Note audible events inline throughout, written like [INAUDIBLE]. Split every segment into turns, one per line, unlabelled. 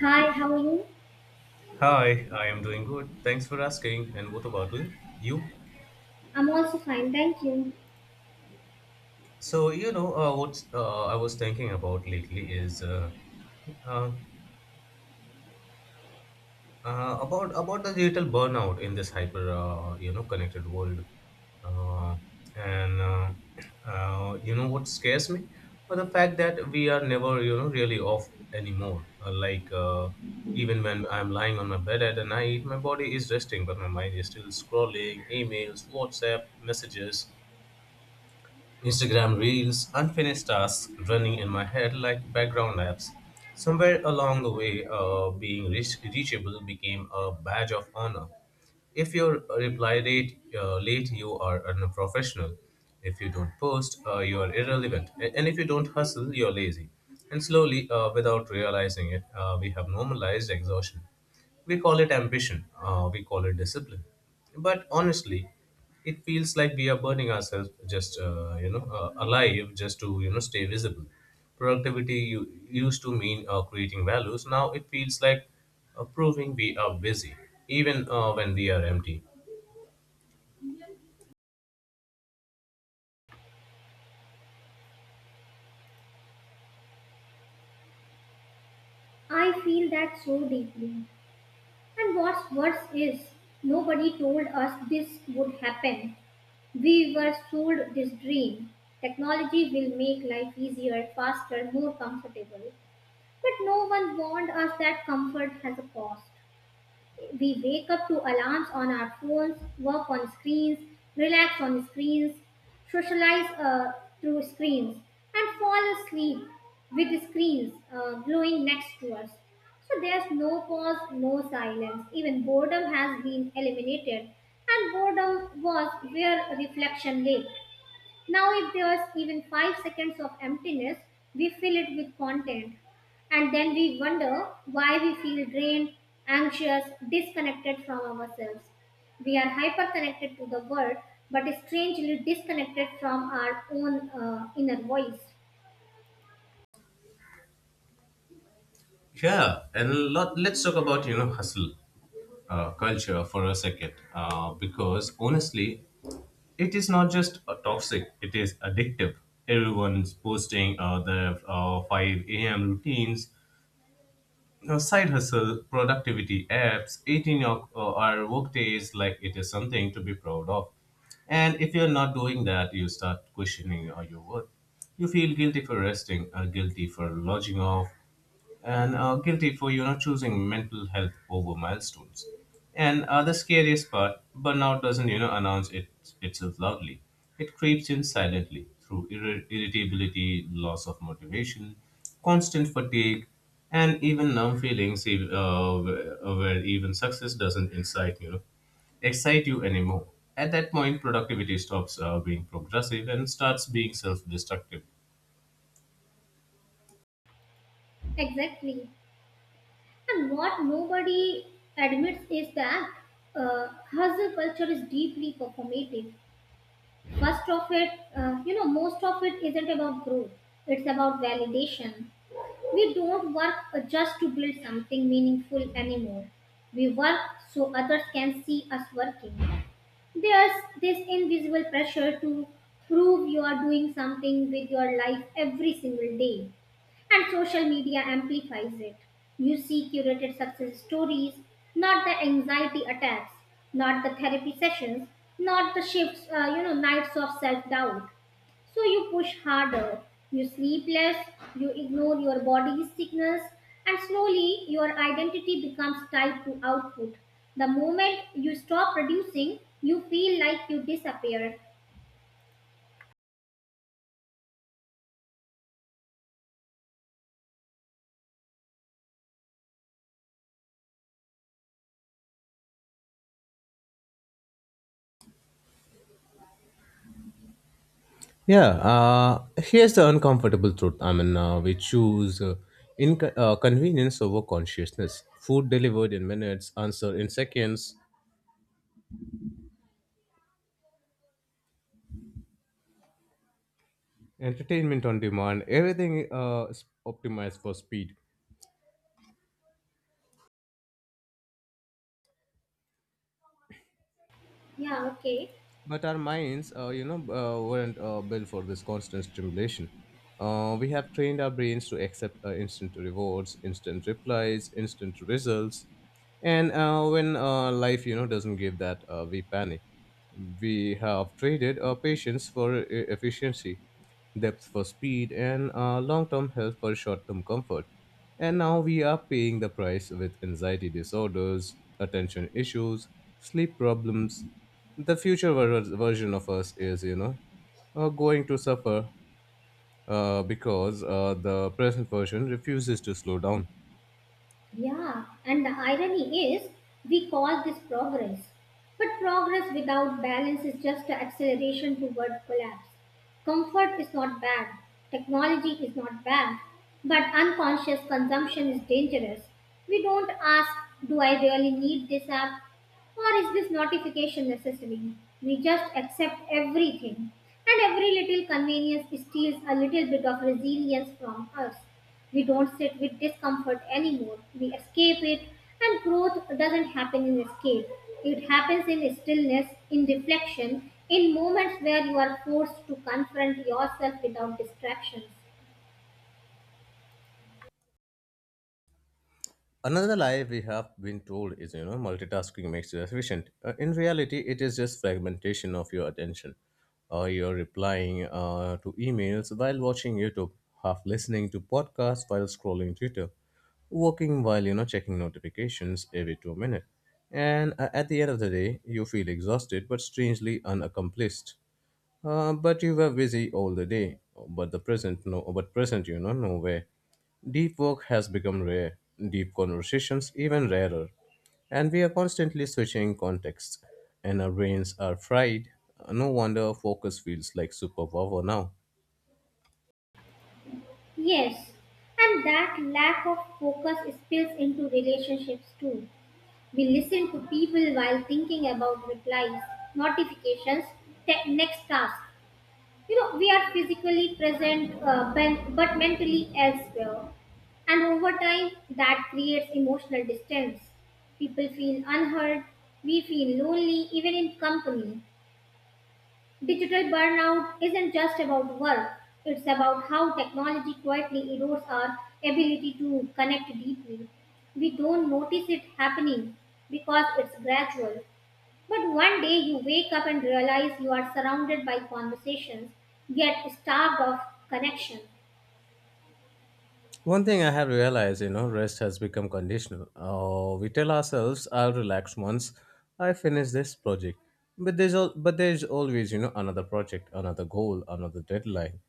Hi, how are you?
Hi, I am doing good. Thanks for asking. And what about you?
I'm also fine, thank you.
So, you know, what I was thinking about lately is uh, about the digital burnout in this hyper, connected world. Uh, and [CLEARS THROAT] you know what scares me? Well, the fact that we are never, you know, really off anymore. Even when I'm lying on my bed at night, my body is resting, but my mind is still scrolling emails, WhatsApp messages, Instagram reels, unfinished tasks running in my head like background apps. Somewhere along the way, reachable became a badge of honor. If you reply late, you are unprofessional. If you don't post, you are irrelevant. And if you don't hustle, you're lazy. And slowly, without realizing it, we have normalized exhaustion. We call it ambition, we call it discipline. But honestly, it feels like we are burning ourselves just, alive just to, you know, stay visible. Productivity used to mean creating values. Now it feels like proving we are busy, even when we are empty.
I feel that so deeply. And what's worse is, nobody told us this would happen. We were sold this dream. Technology will make life easier, faster, more comfortable. But no one warned us that comfort has a cost. We wake up to alarms on our phones, work on screens, relax on screens, socialize through screens, and fall asleep with screens glowing next to us. So there's no pause, no silence. Even boredom has been eliminated, and boredom was where reflection lay. Now, if there's even 5 seconds of emptiness, we fill it with content. And then we wonder why we feel drained, anxious, disconnected from ourselves. We are hyperconnected to the world, but strangely disconnected from our own inner voice.
Yeah, and let's talk about, you know, hustle culture for a second. Because honestly, it is not just toxic, it is addictive. Everyone's posting their 5 a.m. routines, you know, side hustle, productivity apps, 18 hour work days, like it is something to be proud of. And if you're not doing that, you start questioning your worth. You feel guilty for resting, guilty for lodging off, and guilty for, you know, choosing mental health over milestones. And the scariest part, burnout doesn't, you know, announce it itself loudly. It creeps in silently through irritability, loss of motivation, constant fatigue, and even numb feelings, where even success doesn't excite you anymore. At that point, productivity stops being progressive and starts being self-destructive.
Exactly. And what nobody admits is that uh, hustle culture is deeply performative. Most of it, most of it isn't about growth. It's about validation. We don't work just to build something meaningful anymore. We work so others can see us working. There's this invisible pressure to prove you are doing something with your life every single day. And social media amplifies it. You see curated success stories, not the anxiety attacks, not the therapy sessions, not the shifts, nights of self doubt. So you push harder, you sleep less, you ignore your body's sickness, and slowly your identity becomes tied to output. The moment you stop producing, you feel like you disappear.
Yeah, here's the uncomfortable truth. I mean, we choose in convenience over consciousness. Food delivered in minutes, answer in seconds, entertainment on demand, everything is optimized for speed.
Yeah, okay.
But our minds, weren't built for this constant stimulation. We have trained our brains to accept instant rewards, instant replies, instant results, and when life, you know, doesn't give that, we panic. We have traded our patience for efficiency, depth for speed, and long-term health for short-term comfort. And now we are paying the price with anxiety disorders, attention issues, sleep problems. The future version of us is, you know, going to suffer because the present version refuses to slow down.
Yeah, and the irony is we call this progress. But progress without balance is just an acceleration toward collapse. Comfort is not bad, technology is not bad, but unconscious consumption is dangerous. We don't ask, do I really need this app? Or is this notification necessary? We just accept everything, and every little convenience steals a little bit of resilience from us. We don't sit with discomfort anymore. We escape it, and growth doesn't happen in escape. It happens in stillness, in reflection, in moments where you are forced to confront yourself without distractions.
Another lie we have been told is, you know, multitasking makes you efficient. In reality, it is just fragmentation of your attention. You're replying to emails while watching YouTube, half listening to podcasts while scrolling Twitter, working while, you know, checking notifications every 2 minutes. And at the end of the day, you feel exhausted but strangely unaccomplished. But you were busy all the day. But the present, no, but present, you know, nowhere. Deep work has become rare. Deep conversations even rarer. And we are constantly switching contexts, and our brains are fried. No wonder focus feels like superpower now.
Yes, and that lack of focus spills into relationships too. We listen to people while thinking about replies, notifications, next task. We are physically present, but mentally elsewhere. And over time, that creates emotional distance. People feel unheard. We feel lonely even in company. Digital burnout isn't just about work, it's about how technology quietly erodes our ability to connect deeply. We don't notice it happening because it's gradual, but one day you wake up and realize you are surrounded by conversations, yet starved of connection.
One thing I have realized, you know, rest has become conditional. Oh, we tell ourselves, "I'll relax once I finish this project," but there's always, you know, another project, another goal, another deadline.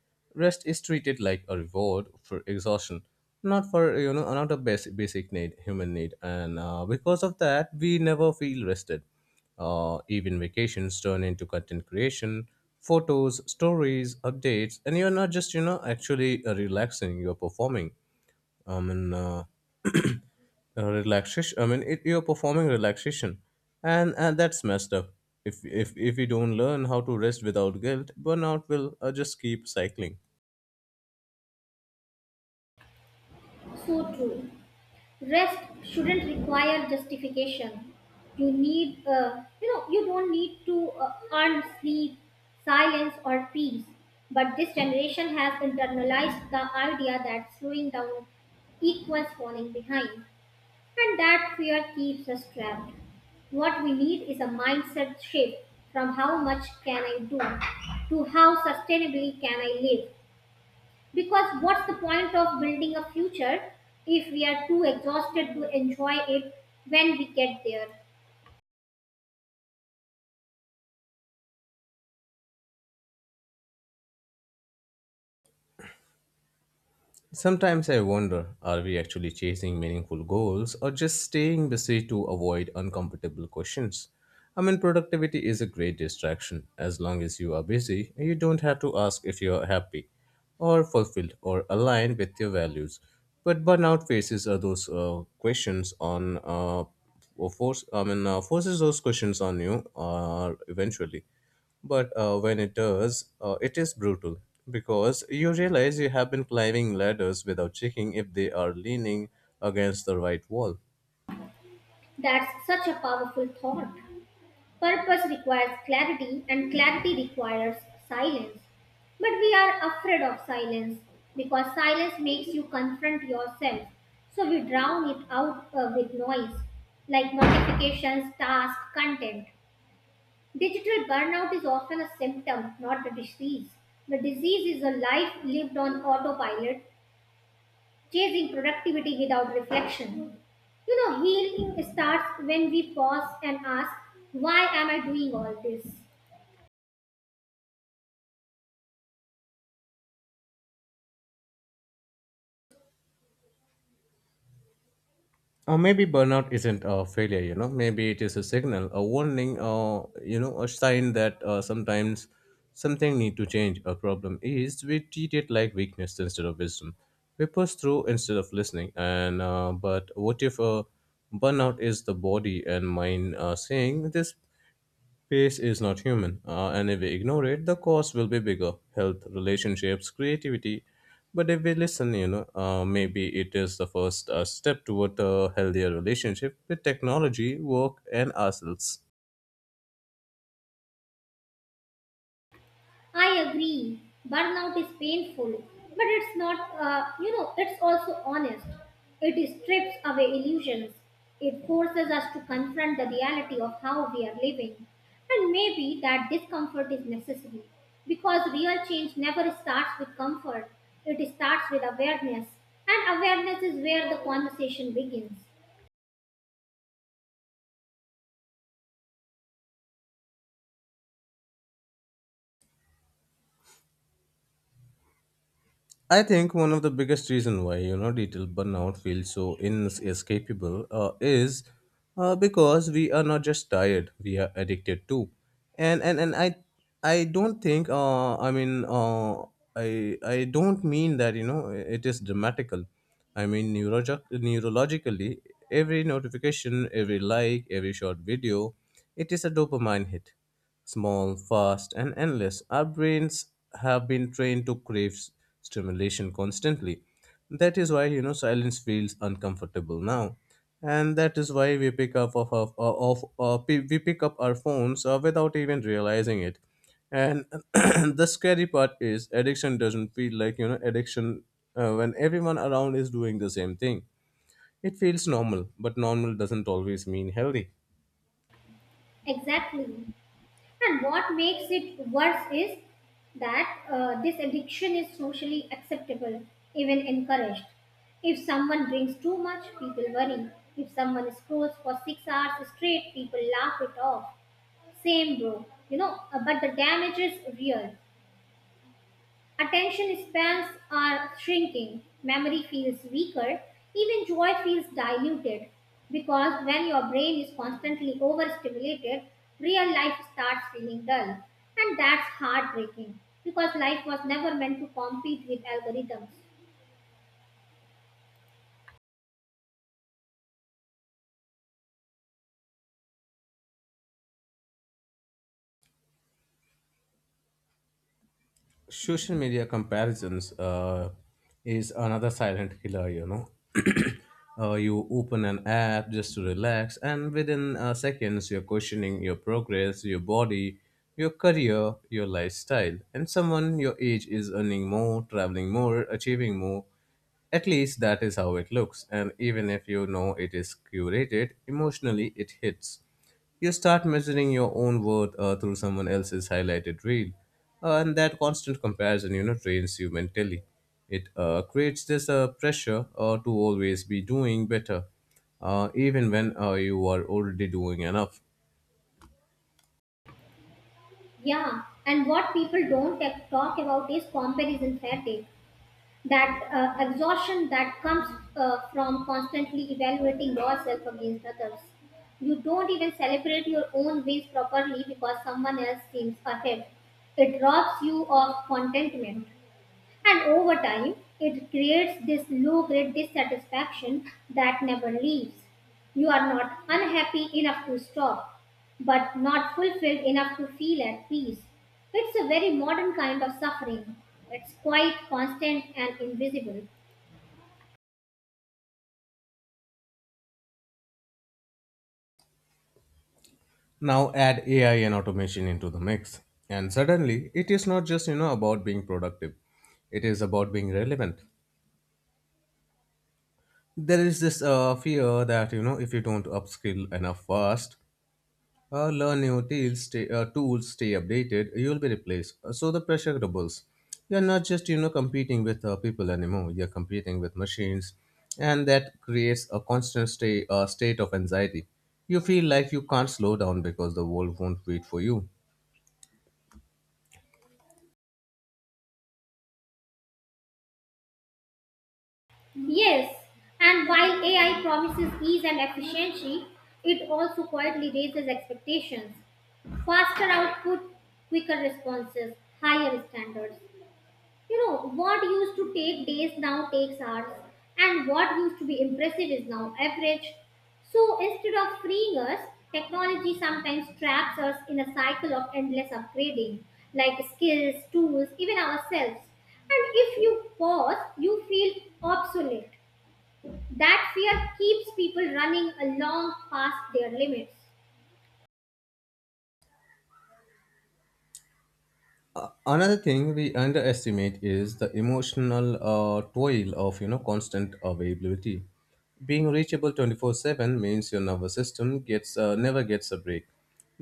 Rest is treated like a reward for exhaustion, not for you know, not a basic need, human need, and because of that, we never feel rested. Even vacations turn into content creation, photos, stories, updates, and you're not just, you know, actually relaxing, you're performing. I mean, uh, [CLEARS THROAT] relaxation. I mean, it, you're performing relaxation, and that's messed up. If we don't learn how to rest without guilt, burnout will just keep cycling.
So true. Rest shouldn't require justification. You don't need to earn sleep, silence, or peace. But this generation has internalized the idea that slowing down equals falling behind, and that fear keeps us trapped. What we need is a mindset shift from how much can I do to how sustainably can I live. Because what's the point of building a future if we are too exhausted to enjoy it when we get there?
Sometimes I wonder, are we actually chasing meaningful goals or just staying busy to avoid uncomfortable questions? I mean, productivity is a great distraction. As long as you are busy, you don't have to ask if you are happy or fulfilled or aligned with your values. But burnout faces are those questions on or force. I mean, forces those questions on you eventually. But when it does, it is brutal because you realize you have been climbing ladders without checking if they are leaning against the right wall.
That's such a powerful thought. Purpose requires clarity, and clarity requires silence. But we are afraid of silence because silence makes you confront yourself. So we drown it out with noise, like notifications, tasks, content. Digital burnout is often a symptom, not a disease. The disease is a life lived on autopilot, chasing productivity without reflection. Healing starts when we pause and ask, why am I doing all this?
Or maybe burnout isn't a failure, you know. Maybe it is a signal, a warning, or, you know, a sign that, sometimes something need to change. A problem is we treat it like weakness instead of wisdom. We push through instead of listening. And but what if burnout is the body and mind saying this pace is not human, and if we ignore it, the cost will be bigger: health, relationships, creativity. But if we listen, you know, maybe it is the first step toward a healthier relationship with technology, work, and ourselves.
I agree. Burnout is painful, but it's not, it's also honest. It strips away illusions. It forces us to confront the reality of how we are living. And maybe that discomfort is necessary because real change never starts with comfort, it starts with awareness. And awareness is where the conversation begins.
I think one of the biggest reason why, you know, detail burnout feels so inescapable is because we are not just tired, we are addicted too, and I don't think I don't mean that, you know, it is dramatical. I mean, neurologically, every notification, every like, every short video, it is a dopamine hit. Small, fast, and endless, our brains have been trained to crave stimulation constantly. That is why, you know, silence feels uncomfortable now. And that is why we pick up of, pe- we pick up our phones without even realizing it. And [CLEARS THROAT] the scary part is, addiction doesn't feel like, you know, addiction when everyone around is doing the same thing. It feels normal, but normal doesn't always mean healthy.
Exactly. And what makes it worse is that this addiction is socially acceptable, even encouraged. If someone drinks too much, people worry. If someone scrolls for 6 hours straight, people laugh it off. Same, bro. But the damage is real. Attention spans are shrinking, memory feels weaker, even joy feels diluted because when your brain is constantly overstimulated, real life starts feeling dull. And that's heartbreaking because life was never meant to compete with algorithms.
Social media comparisons is another silent killer, you know. [CLEARS THROAT] You open an app just to relax, and within seconds, you're questioning your progress, your body, your career, your lifestyle. And someone your age is earning more, traveling more, achieving more, at least that is how it looks. And even if you know it is curated, emotionally it hits. You start measuring your own worth through someone else's highlighted reel. And that constant comparison, you know, trains you mentally. It creates this pressure to always be doing better, even when you are already doing enough.
Yeah, and what people don't talk about is comparison fatigue. That exhaustion that comes from constantly evaluating yourself against others. You don't even celebrate your own wins properly because someone else seems ahead. It robs you of contentment. And over time, it creates this low grade dissatisfaction that never leaves. You are not unhappy enough to stop, but not fulfilled enough to feel at peace. It's a very modern kind of suffering. It's quite constant and invisible.
Now add AI and automation into the mix. And suddenly, it is not just, you know, about being productive. It is about being relevant. There is this fear that, you know, if you don't upskill enough fast, learn new tools, stay updated, you'll be replaced. So the pressure doubles. You're not just, you know, competing with people anymore. You're competing with machines. And that creates a constant state of anxiety. You feel like you can't slow down because the world won't wait for you.
Yes, and while AI promises ease and efficiency, it also quietly raises expectations, faster output, quicker responses, higher standards. What used to take days now takes hours, and what used to be impressive is now average. So instead of freeing us, technology sometimes traps us in a cycle of endless upgrading, like skills, tools, even ourselves. And if you pause, you feel obsolete. That fear keeps people running along past their limits.
Another thing we underestimate is the emotional toil of, you know, constant availability. Being reachable 24/7 means your nervous system gets never gets a break.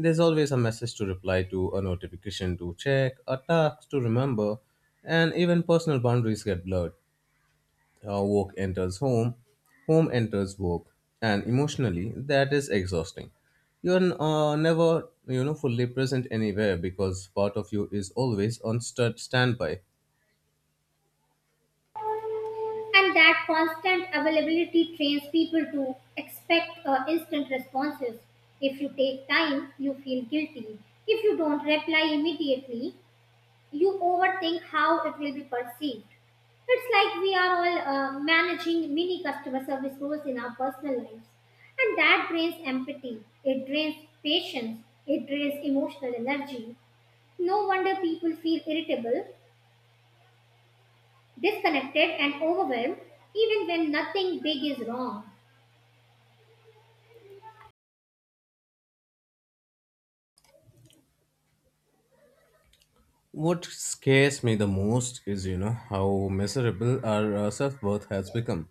There's always a message to reply to, a notification to check, a task to remember. And even personal boundaries get blurred. Work enters home, home enters work, and emotionally, that is exhausting. You're never, you know, fully present anywhere because part of you is always on standby.
And that constant availability trains people to expect instant responses. If you take time, you feel guilty. If you don't reply immediately, you overthink how it will be perceived. It's like we are all managing mini customer service roles in our personal lives. And that drains empathy, it drains patience, it drains emotional energy. No wonder people feel irritable, disconnected, and overwhelmed even when nothing big is wrong.
What scares me the most is, you know, how miserable our self worth has become.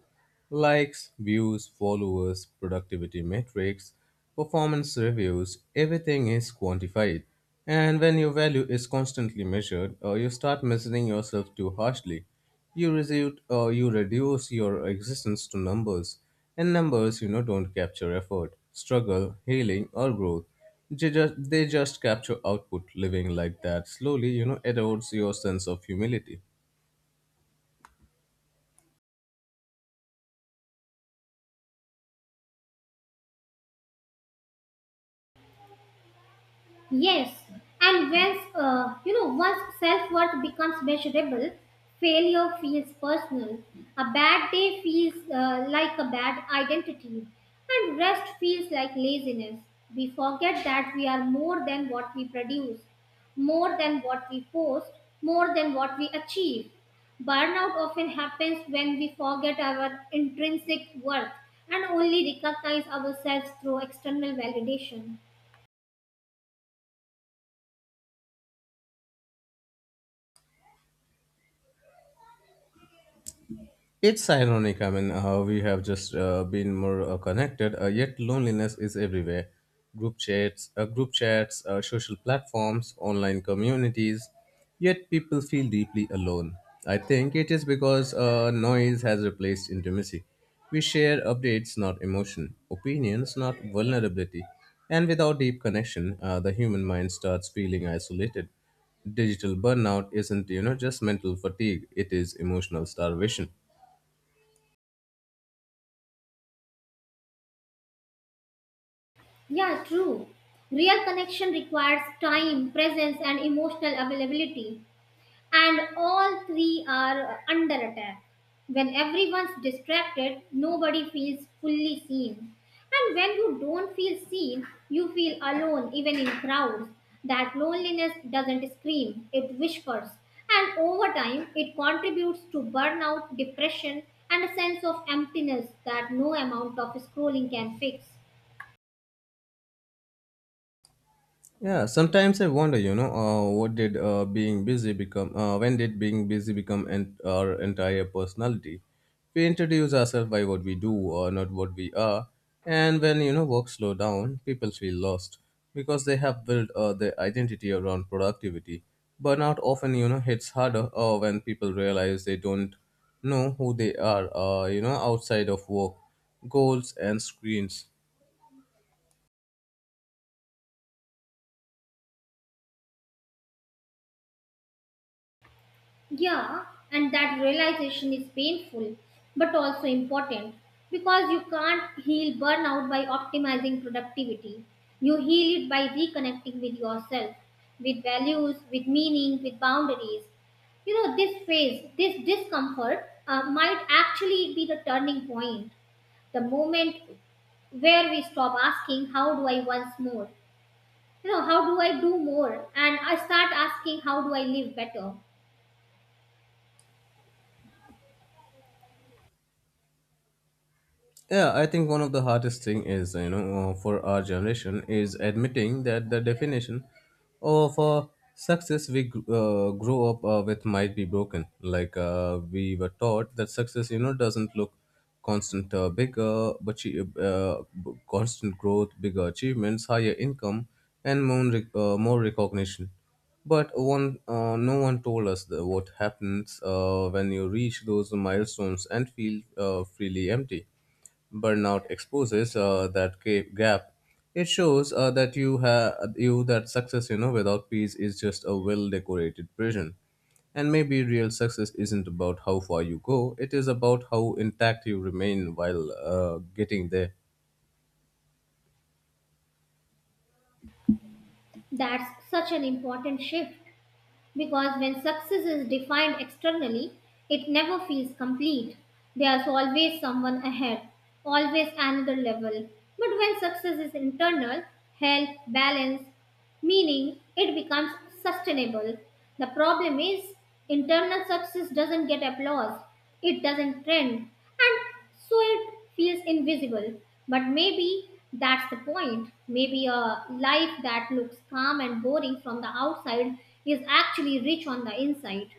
Likes, views, followers, productivity metrics, performance reviews, everything is quantified. And when your value is constantly measured, you start measuring yourself too harshly. You reduce your existence to numbers. And numbers, you know, don't capture effort, struggle, healing, or growth. They just capture output. Living like that slowly, you know, erodes your sense of humility.
Yes, and once self-worth becomes measurable, failure feels personal. A bad day feels like a bad identity, and rest feels like laziness. We forget that we are more than what we produce, more than what we post, more than what we achieve. Burnout often happens when we forget our intrinsic worth and only recognize ourselves through external validation.
It's ironic, I mean, how we have just been more connected, yet loneliness is everywhere. Group chats, social platforms, online communities, yet people feel deeply alone. I think it is because noise has replaced intimacy. We share updates, not emotion, opinions, not vulnerability. And without deep connection, the human mind starts feeling isolated. Digital burnout isn't, you know, just mental fatigue, it is emotional starvation.
Yeah, true. Real connection requires time, presence, and emotional availability. And all three are under attack. When everyone's distracted, nobody feels fully seen. And when you don't feel seen, you feel alone even in crowds. That loneliness doesn't scream, it whispers. And over time, it contributes to burnout, depression, and a sense of emptiness that no amount of scrolling can fix.
Yeah, sometimes I wonder, you know, what did being busy become? When did being busy become our entire personality? We introduce ourselves by what we do, or not what we are. And when, work slow down, people feel lost because they have built their identity around productivity. Burnout often, you know, hits harder when people realize they don't know who they are, outside of work, goals, and screens.
Yeah, and that realization is painful but also important, because you can't heal burnout by optimizing productivity. You heal it by reconnecting with yourself, with values, with meaning, with boundaries. This phase, this discomfort, might actually be the turning point, the moment where we stop asking, how do I once more? How do I do more? And I start asking, how do I live better?
Yeah, I think one of the hardest thing is for our generation is admitting that the definition of success we grow up with might be broken. Like we were taught that success doesn't look constant bigger, but constant growth, bigger achievements, higher income, and more recognition. But no one told us the, what happens when you reach those milestones and feel freely empty. Burnout exposes that gap. It shows that you have you that success, you know, without peace is just a well-decorated prison. And maybe real success isn't about how far you go; it is about how intact you remain while getting there.
That's such an important shift, because when success is defined externally, it never feels complete. There's always someone ahead, always another level. But when success is internal, health, balance, meaning, it becomes sustainable. The problem is, internal success doesn't get applause, it doesn't trend, and so it feels invisible. But maybe that's the point. Maybe a life that looks calm and boring from the outside is actually rich on the inside.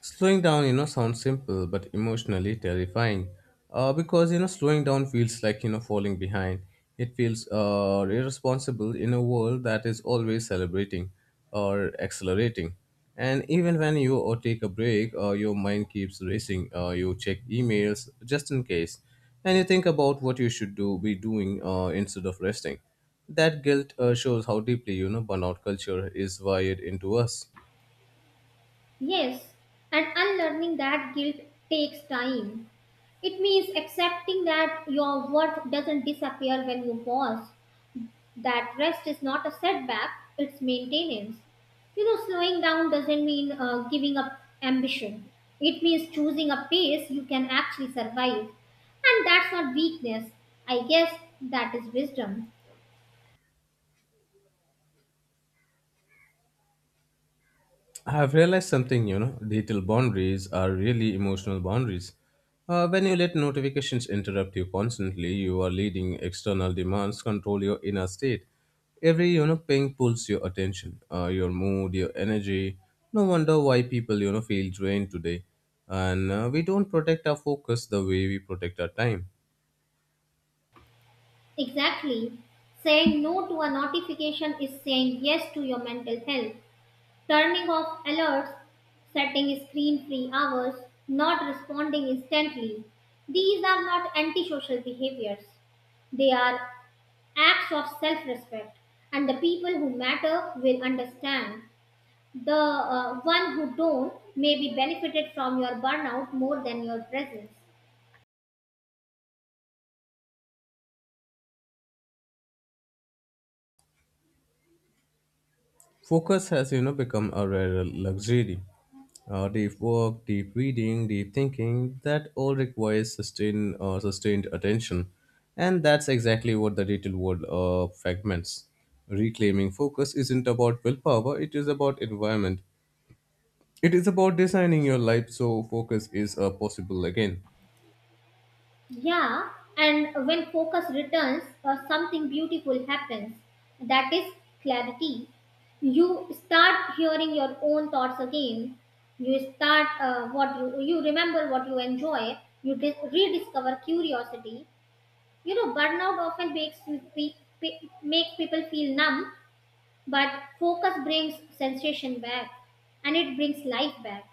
Slowing down, you know, sounds simple but emotionally terrifying. Because you know, slowing down feels like falling behind. It feels irresponsible in a world that is always celebrating or accelerating. And even when you or take a break, your mind keeps racing. You check emails just in case, and you think about what you should do be doing instead of resting. That guilt shows how deeply you know burnout culture is wired into us.
Yes, and unlearning that guilt takes time. It means accepting that your worth doesn't disappear when you pause, that rest is not a setback, it's maintenance. Slowing down doesn't mean giving up ambition, it means choosing a pace you can actually survive. And that's not weakness, I guess that is wisdom.
I've realized something, you know, digital boundaries are really emotional boundaries. When you let notifications interrupt you constantly, you are letting external demands control your inner state. Every, you know, ping pulls your attention, your mood, your energy. No wonder why people, you know, feel drained today. And we don't protect our focus the way we protect our time.
Exactly. Saying no to a notification is saying yes to your mental health. Turning off alerts, setting screen free hours, not responding instantly, these are not antisocial behaviors. They are acts of self-respect, and the people who matter will understand. The one who don't may be benefited from your burnout more than your presence.
Focus has, you know, become a rare luxury. Deep work, deep reading, deep thinking, that all requires sustained attention. And that's exactly what the retail world fragments. Reclaiming focus isn't about willpower, it is about environment. It is about designing your life so focus is possible again.
Yeah, and when focus returns, something beautiful happens. That is clarity. You start hearing your own thoughts again. You remember what you enjoy. You rediscover curiosity. Burnout often makes pe- people feel numb, but focus brings sensation back, and it brings life back.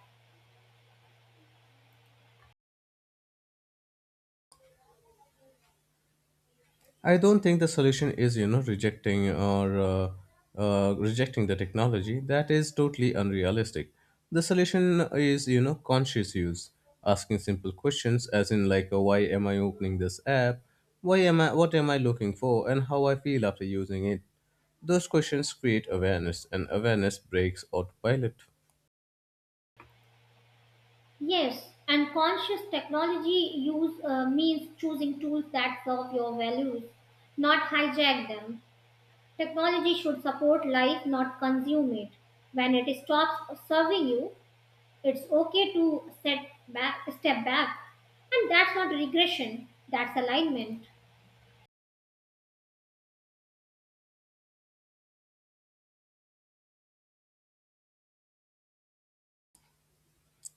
I don't think the solution is, you know, rejecting the technology. That is totally unrealistic. The solution is, you know, conscious use, asking simple questions, as in like, why am I opening this app? Why am I? What am I looking for? And how I feel after using it? Those questions create awareness, and awareness breaks autopilot.
Yes, and conscious technology use means choosing tools that serve your values, not hijack them. Technology should support life, not consume it. When it stops serving you, it's okay to step back, and that's not regression. That's alignment.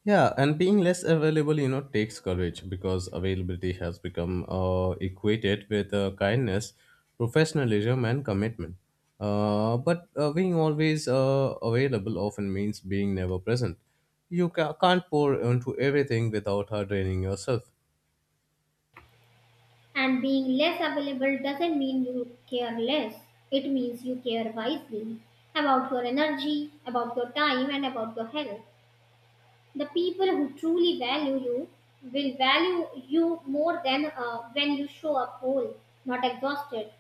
Yeah, and being less available, you know, takes courage because availability has become equated with kindness, professionalism, and commitment. But being always available often means being never present. You can't pour into everything without draining yourself.
And being less available doesn't mean you care less. It means you care wisely about your energy, about your time, and about your health. The people who truly value you will value you more than when you show up whole, not exhausted.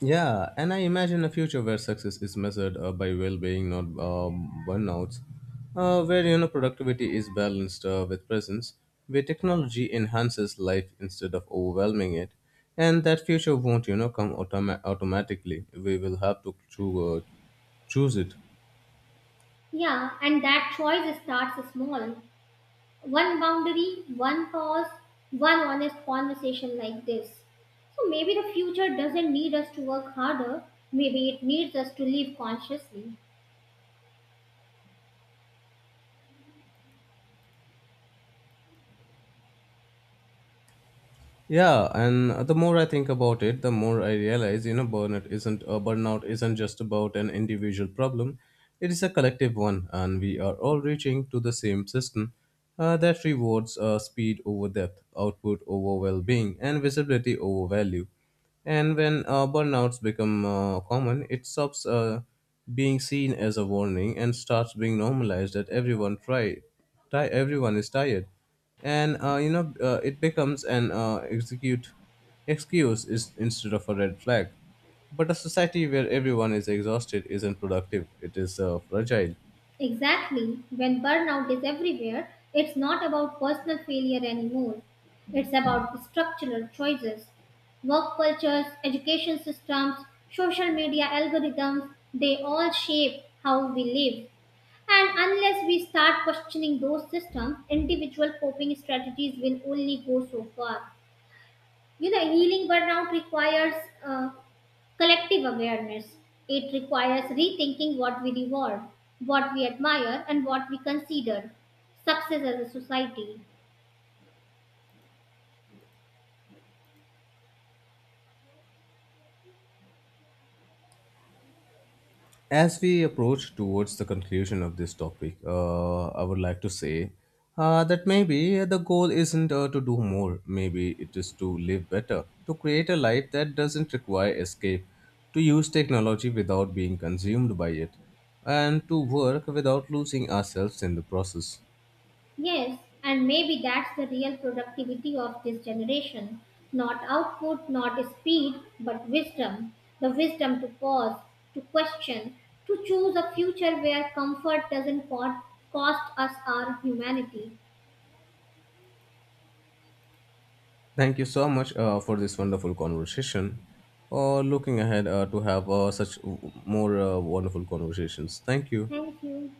Yeah, and I imagine a future where success is measured by well-being, not burnouts, where you know productivity is balanced with presence, where technology enhances life instead of overwhelming it, and that future won't you know come automatically. We will have to choose it.
Yeah, and that choice starts small. One boundary, one pause, one honest conversation like this. So maybe the future doesn't need us to work harder, maybe it needs us to live consciously.
Yeah, and the more I think about it, the more I realize, you know, burnout isn't just about an individual problem. It is a collective one, and we are all reaching to the same system that rewards speed over depth, output over well-being, and visibility over value. And when burnouts become common, it stops being seen as a warning and starts being normalized. That everyone try, ti everyone is tired, and it becomes an execute excuse is instead of a red flag. But a society where everyone is exhausted isn't productive, it is fragile.
Exactly. When burnout is everywhere, it's not about personal failure anymore. It's about structural choices. Work cultures, education systems, social media algorithms, they all shape how we live. And unless we start questioning those systems, individual coping strategies will only go so far. Healing burnout requires uh, Collective awareness. It requires rethinking what we reward, what we admire, and what we consider success as a society.
As we approach towards the conclusion of this topic, I would like to say that maybe the goal isn't to do more, maybe it is to live better, to create a life that doesn't require escape, to use technology without being consumed by it, and to work without losing ourselves in the process.
Yes, and maybe that's the real productivity of this generation. Not output, not speed, but wisdom. The wisdom to pause, to question, to choose a future where comfort doesn't cost us our humanity.
Thank you so much for this wonderful conversation. Looking ahead to have more wonderful conversations. Thank you.
Thank you.